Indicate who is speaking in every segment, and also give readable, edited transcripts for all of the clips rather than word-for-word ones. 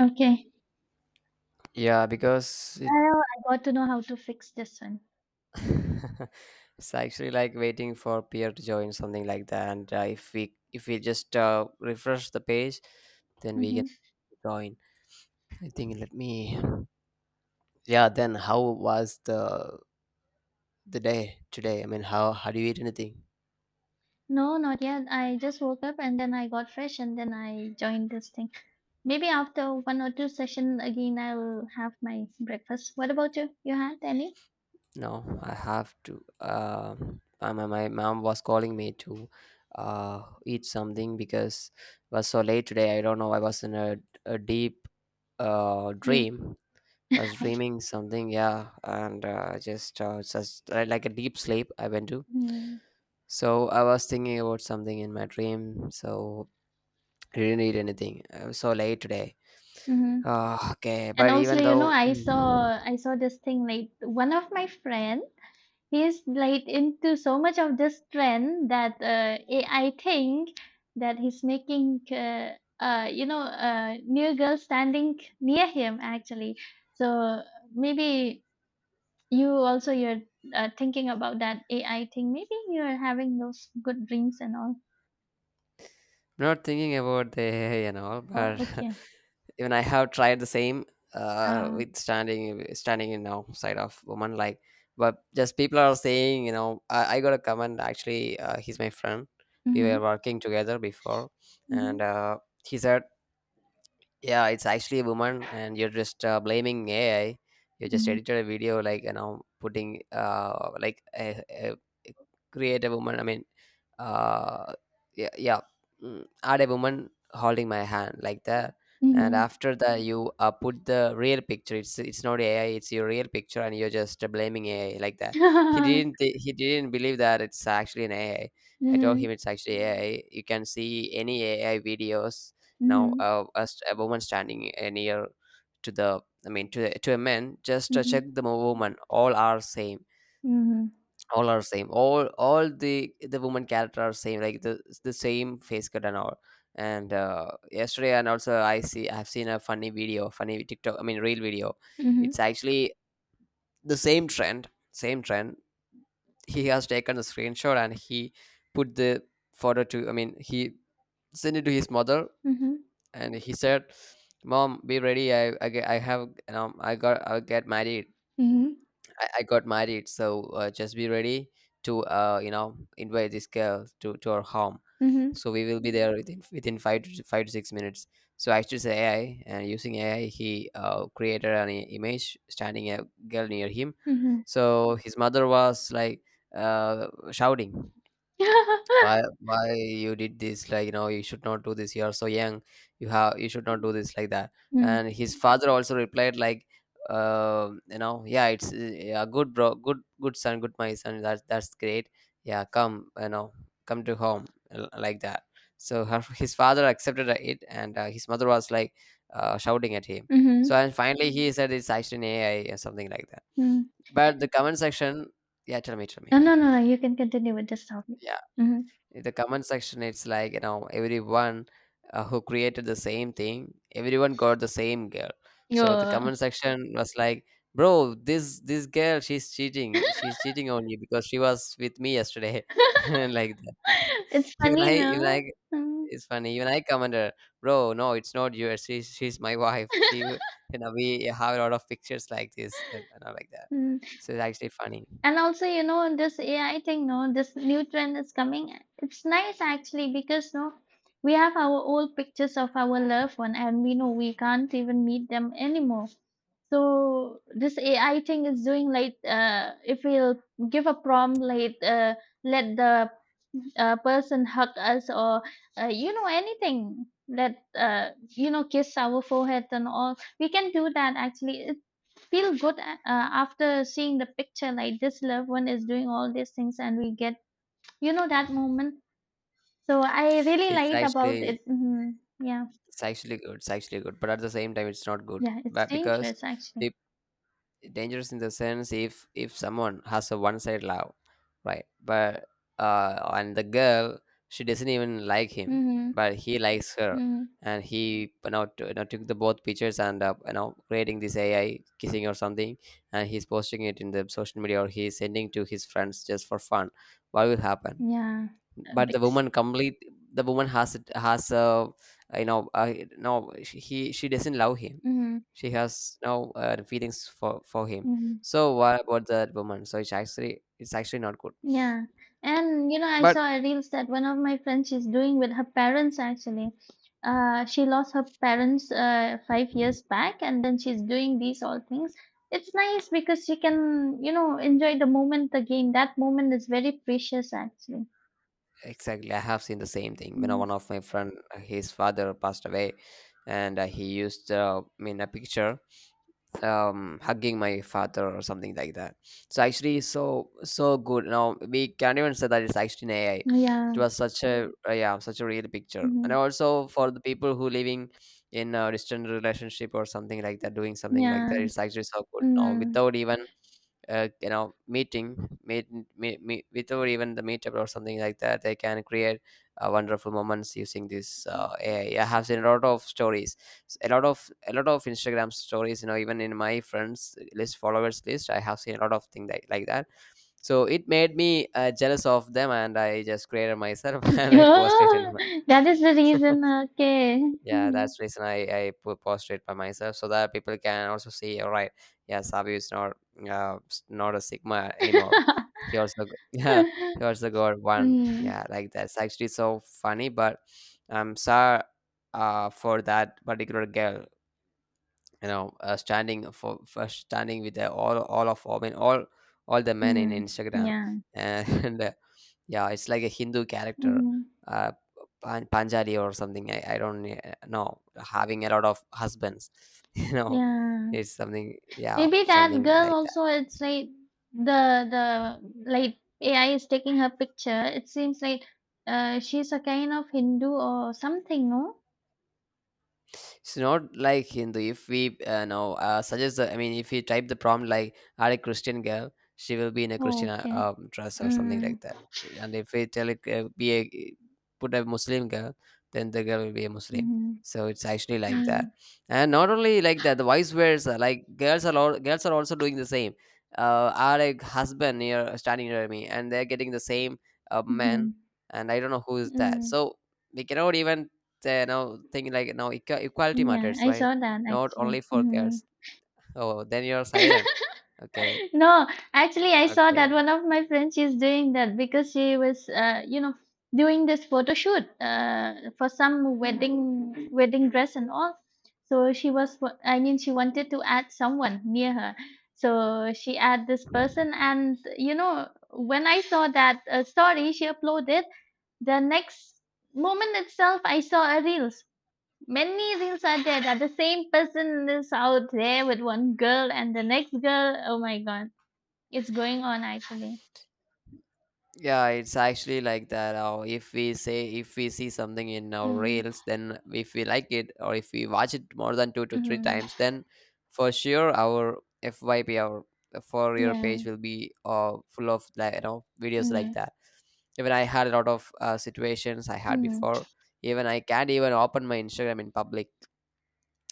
Speaker 1: Okay.
Speaker 2: Yeah, because it
Speaker 1: Well, I got to know how to fix this one.
Speaker 2: it's actually like waiting for peer to join something like that. And if we just refresh the page, then we
Speaker 1: Mhm.
Speaker 2: can join. I think. Let me. Yeah. Then how was the day today? I mean, how do you eat anything?
Speaker 1: No, not yet. I just woke up and then I got fresh and then I joined this thing. Maybe after one or two session again, I'll have my breakfast. What about you? You had any
Speaker 2: No, I have to. My mom was calling me to eat something because it was so late today. I don't know. I was in a deep
Speaker 1: sleep?
Speaker 2: dream. I was dreaming something, yeah, and just like a deep sleep I went to. So I was thinking about something in my dream. So I didn't eat anything. I was so late today.
Speaker 1: Mm-hmm.
Speaker 2: Okay,
Speaker 1: And
Speaker 2: but
Speaker 1: also,
Speaker 2: even though.
Speaker 1: I
Speaker 2: Mm.
Speaker 1: saw this thing like one of my friend he is like into so much of this trend that I think that he's making new girls standing near him actually. So maybe you're thinking about that AI thing. Maybe you're having those good dreams and all.
Speaker 2: Not thinking about the AI and all,
Speaker 1: Oh,
Speaker 2: but
Speaker 1: okay.
Speaker 2: even I have tried the same
Speaker 1: Uh,
Speaker 2: with standing in outside of woman like, but just people are saying you know I got a comment actually, he's my friend, we were
Speaker 1: mm-hmm,
Speaker 2: working together before
Speaker 1: mm-hmm,
Speaker 2: and he said yeah, it's actually a woman and you're just blaming ai. You just
Speaker 1: mm-hmm,
Speaker 2: edited a video like you know putting like a- create a woman. I mean uh yeah, yeah add a woman holding my hand like that. And
Speaker 1: mm-hmm,
Speaker 2: after that you put the real picture. It's not ai, it's your real picture and you're just blaming ai like that. He didn't believe that it's actually an ai. I told
Speaker 1: mm-hmm,
Speaker 2: him it's actually ai. You can see any ai videos now,
Speaker 1: mm-hmm,
Speaker 2: a woman standing near to I mean, to to a man, just check the woman. All are same.
Speaker 1: mm-hmm,
Speaker 2: All are same. All the woman character are same. Like the same face cut and all. And yesterday, and also I've seen a funny video, funny TikTok. I mean, real video.
Speaker 1: mm-hmm,
Speaker 2: It's actually the same trend. Same trend. He has taken a screenshot and he put the photo to. I mean, he sent it to his mother
Speaker 1: mm-hmm,
Speaker 2: and he said, mom be ready, I have you know I got I get married. I got married, so just be ready to you know invite this girl to our home.
Speaker 1: mm-hmm,
Speaker 2: So we will be there within five to six minutes. So I choose ai, and using ai he created an image standing a girl near him.
Speaker 1: mm-hmm.
Speaker 2: So his mother was like shouting, why you did this, like you know you should not do this, you are so young, you should not do this, like that.
Speaker 1: Mm.
Speaker 2: And his father also replied like, you know yeah it's yeah, good bro, good son, good my son, that's great, yeah come, you know, come to home like that. So his father accepted it, and his mother was like shouting at him. So
Speaker 1: Mhm.
Speaker 2: and finally he said it's actually an ai or something like that.
Speaker 1: Mm.
Speaker 2: But the comment section, tell
Speaker 1: A
Speaker 2: me.
Speaker 1: no, no, no, no. You can continue with this topic. Mhm.
Speaker 2: In the comment section it's like you know everyone, who created the same thing, everyone got the same girl. So the
Speaker 1: Yeah.
Speaker 2: comment section was like, bro this girl, she's cheating on you because she was with me yesterday. And like that.
Speaker 1: It's funny,
Speaker 2: Even i,
Speaker 1: no? Mm.
Speaker 2: it's funny, even I commented, bro no it's not you, she's my wife. You know we have a lot of pictures like this, and all like that.
Speaker 1: Mm.
Speaker 2: So it's actually funny.
Speaker 1: And also, this AI thing, no, this new trend is coming. It's nice actually because, no, we have our old pictures of our loved one and we know we can't even meet them anymore. So this AI thing is doing like if we'll give a prompt like let the a person hug us or anything that kiss our forehead and all we can do that actually it feel good after seeing the picture like this loved one is doing all these things and we get that moment so I really
Speaker 2: it's
Speaker 1: liked about
Speaker 2: actually
Speaker 1: it. Yeah.
Speaker 2: It's actually good. It's actually good, but at the same time, it's not good.
Speaker 1: Yeah, it's
Speaker 2: But because
Speaker 1: dangerous actually.
Speaker 2: it, dangerous in the sense, if someone has a one sided love, right? But and the girl, she doesn't even like him,
Speaker 1: Mm-hmm.
Speaker 2: but he likes her,
Speaker 1: Mm.
Speaker 2: and he you know, you know took the both pictures and you know creating this AI kissing or something, and he's posting it in the social media or he's sending to his friends just for fun. What will happen?
Speaker 1: Yeah. A
Speaker 2: But
Speaker 1: big.
Speaker 2: the woman has you know no she doesn't love him,
Speaker 1: Mm-hmm.
Speaker 2: she has no feelings for him.
Speaker 1: Mm-hmm.
Speaker 2: So what about that woman? So it's actually, it's actually not good.
Speaker 1: Yeah. And you know, I
Speaker 2: But
Speaker 1: saw a reels that one of my friends is doing with her parents actually. She lost her parents 5 years back, and then she's doing these all things. It's nice because she can, you know, enjoy the moment again. That moment is very precious actually.
Speaker 2: exactly, I have seen the same thing, you know,
Speaker 1: Mm.
Speaker 2: one of my friend, his father passed away, and he used I mean a picture hugging my father or something like that. It's actually so so good. Now we can't even say that it's actually an ai. It
Speaker 1: Yeah.
Speaker 2: was such a yeah such a real picture. And
Speaker 1: Mhm.
Speaker 2: also for the people who living in a distant relationship or something like that doing something like that,
Speaker 1: Yeah.
Speaker 2: it's actually so good now
Speaker 1: Mm.
Speaker 2: without even you know meet without even the meetup or something like that, they can create wonderful moments using this ai. I have seen a lot of stories, a lot of instagram stories, you know, even in my friends list, followers list, I have seen a lot of things like that. So it made me jealous of them, and I just created myself and I posted in
Speaker 1: Oh,
Speaker 2: my.
Speaker 1: that is the reason. Okay.
Speaker 2: Yeah
Speaker 1: Mhm.
Speaker 2: that's the reason, I posted it by myself so that people can also see, all right. Yeah, sabu is not not a sigma anymore. Yeah, he also got one,
Speaker 1: Mm.
Speaker 2: yeah, like that's actually so funny. But I'm sorry for that particular girl, you know, standing for standing with all of I mean all the men in
Speaker 1: Mm.
Speaker 2: Instagram
Speaker 1: Yeah.
Speaker 2: and yeah, it's like a Hindu character,
Speaker 1: Hmm.
Speaker 2: uh, Panjali or something. I don't know, having a lot of husbands you know.
Speaker 1: Yeah.
Speaker 2: It's something, yeah,
Speaker 1: Maybe that
Speaker 2: something
Speaker 1: girl
Speaker 2: like that.
Speaker 1: also it's like the like AI is taking her picture. It seems like she's a kind of Hindu or something, no?
Speaker 2: It's not like Hindu. If we know suggest, I mean, if we type the prompt like "Are a Christian girl," she will be in a
Speaker 1: Oh,
Speaker 2: Christian
Speaker 1: okay.
Speaker 2: dress or something
Speaker 1: Mm.
Speaker 2: like that. And if we tell it be a put a Muslim girl, then the girl will be a Muslim.
Speaker 1: Mm-hmm.
Speaker 2: So it's actually like that.
Speaker 1: Mm.
Speaker 2: And not only like that, the vice versa. Like girls are also doing the same. Are a husband near standing near me, and they're getting the same man.
Speaker 1: Mm-hmm.
Speaker 2: And I don't know who is that.
Speaker 1: Mm.
Speaker 2: So we cannot even they now think like now equality
Speaker 1: Yeah,
Speaker 2: matters,
Speaker 1: I
Speaker 2: right?
Speaker 1: saw that
Speaker 2: Not
Speaker 1: actually.
Speaker 2: only for
Speaker 1: Mm-hmm.
Speaker 2: girls. Oh, then you're silent. Okay,
Speaker 1: No, actually, I saw that
Speaker 2: okay.
Speaker 1: one of my friends is doing that because she was, doing this photo shoot for some wedding dress and all. So she was, she wanted to add someone near her. So she add this person, and you know, when I saw that story she uploaded, the next moment itself, I saw a reels. Many reels are there that the same person is out there with one girl and the next girl. Oh my god, it's going on actually.
Speaker 2: Yeah, it's actually like that. Or if we see something in our
Speaker 1: Mhm.
Speaker 2: reels, then if we like it or if we watch it more than two to three
Speaker 1: Mhm.
Speaker 2: times, then for sure our for your
Speaker 1: Yeah.
Speaker 2: page will be full of like you know videos like
Speaker 1: Mhm.
Speaker 2: that. Even I had a lot of situations I had
Speaker 1: Mhm.
Speaker 2: before. Even I can't even open my Instagram in public.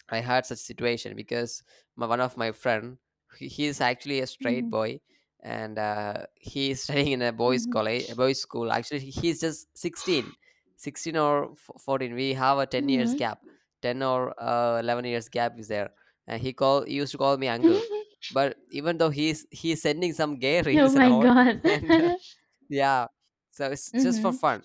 Speaker 2: I had such situation because one of my friend, he's actually a straight
Speaker 1: Mhm.
Speaker 2: boy, and he is studying in a boys'
Speaker 1: Mhm.
Speaker 2: college, a boys' school. Actually, he's just 16, 16 or 14. We have a 10 years
Speaker 1: Mhm.
Speaker 2: gap, 10 or 11 years gap is there. And he used to call me uncle, but even though he's sending some gay
Speaker 1: Oh
Speaker 2: reels and
Speaker 1: my
Speaker 2: all,
Speaker 1: God.
Speaker 2: and yeah, so it's just for
Speaker 1: Mhm.
Speaker 2: fun.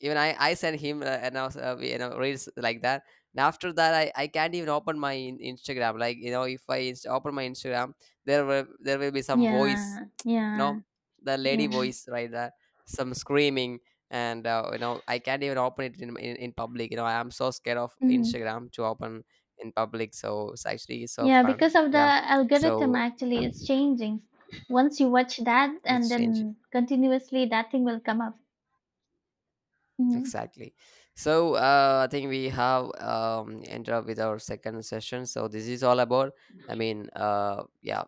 Speaker 2: Even I sent him and I was, you know, reels like that. And after that, I can't even open my Instagram. Like you know, if I open my Instagram, there will be some voice,
Speaker 1: Yeah.
Speaker 2: you know,
Speaker 1: Yeah.
Speaker 2: the lady
Speaker 1: Yeah.
Speaker 2: voice right there, some screaming, and you know, I can't even open it in public. You know, I am so scared of
Speaker 1: Mhm.
Speaker 2: Instagram to open in public. So it's actually so
Speaker 1: Yeah,
Speaker 2: fun.
Speaker 1: because of the
Speaker 2: Yeah,
Speaker 1: algorithm
Speaker 2: so
Speaker 1: actually it's changing. Once you watch that and
Speaker 2: it's changing.
Speaker 1: then continuously that thing will come up. Mhm.
Speaker 2: Exactly. So I think we have ended up with our second session. So this is all about. I mean, yeah,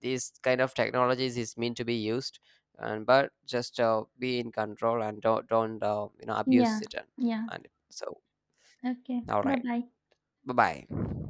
Speaker 2: these kind of technologies is meant to be used, and but just be in control and don't you know abuse
Speaker 1: Yeah.
Speaker 2: it,
Speaker 1: Yeah.
Speaker 2: and so
Speaker 1: Okay.
Speaker 2: all right.
Speaker 1: Bye-bye.
Speaker 2: Bye bye.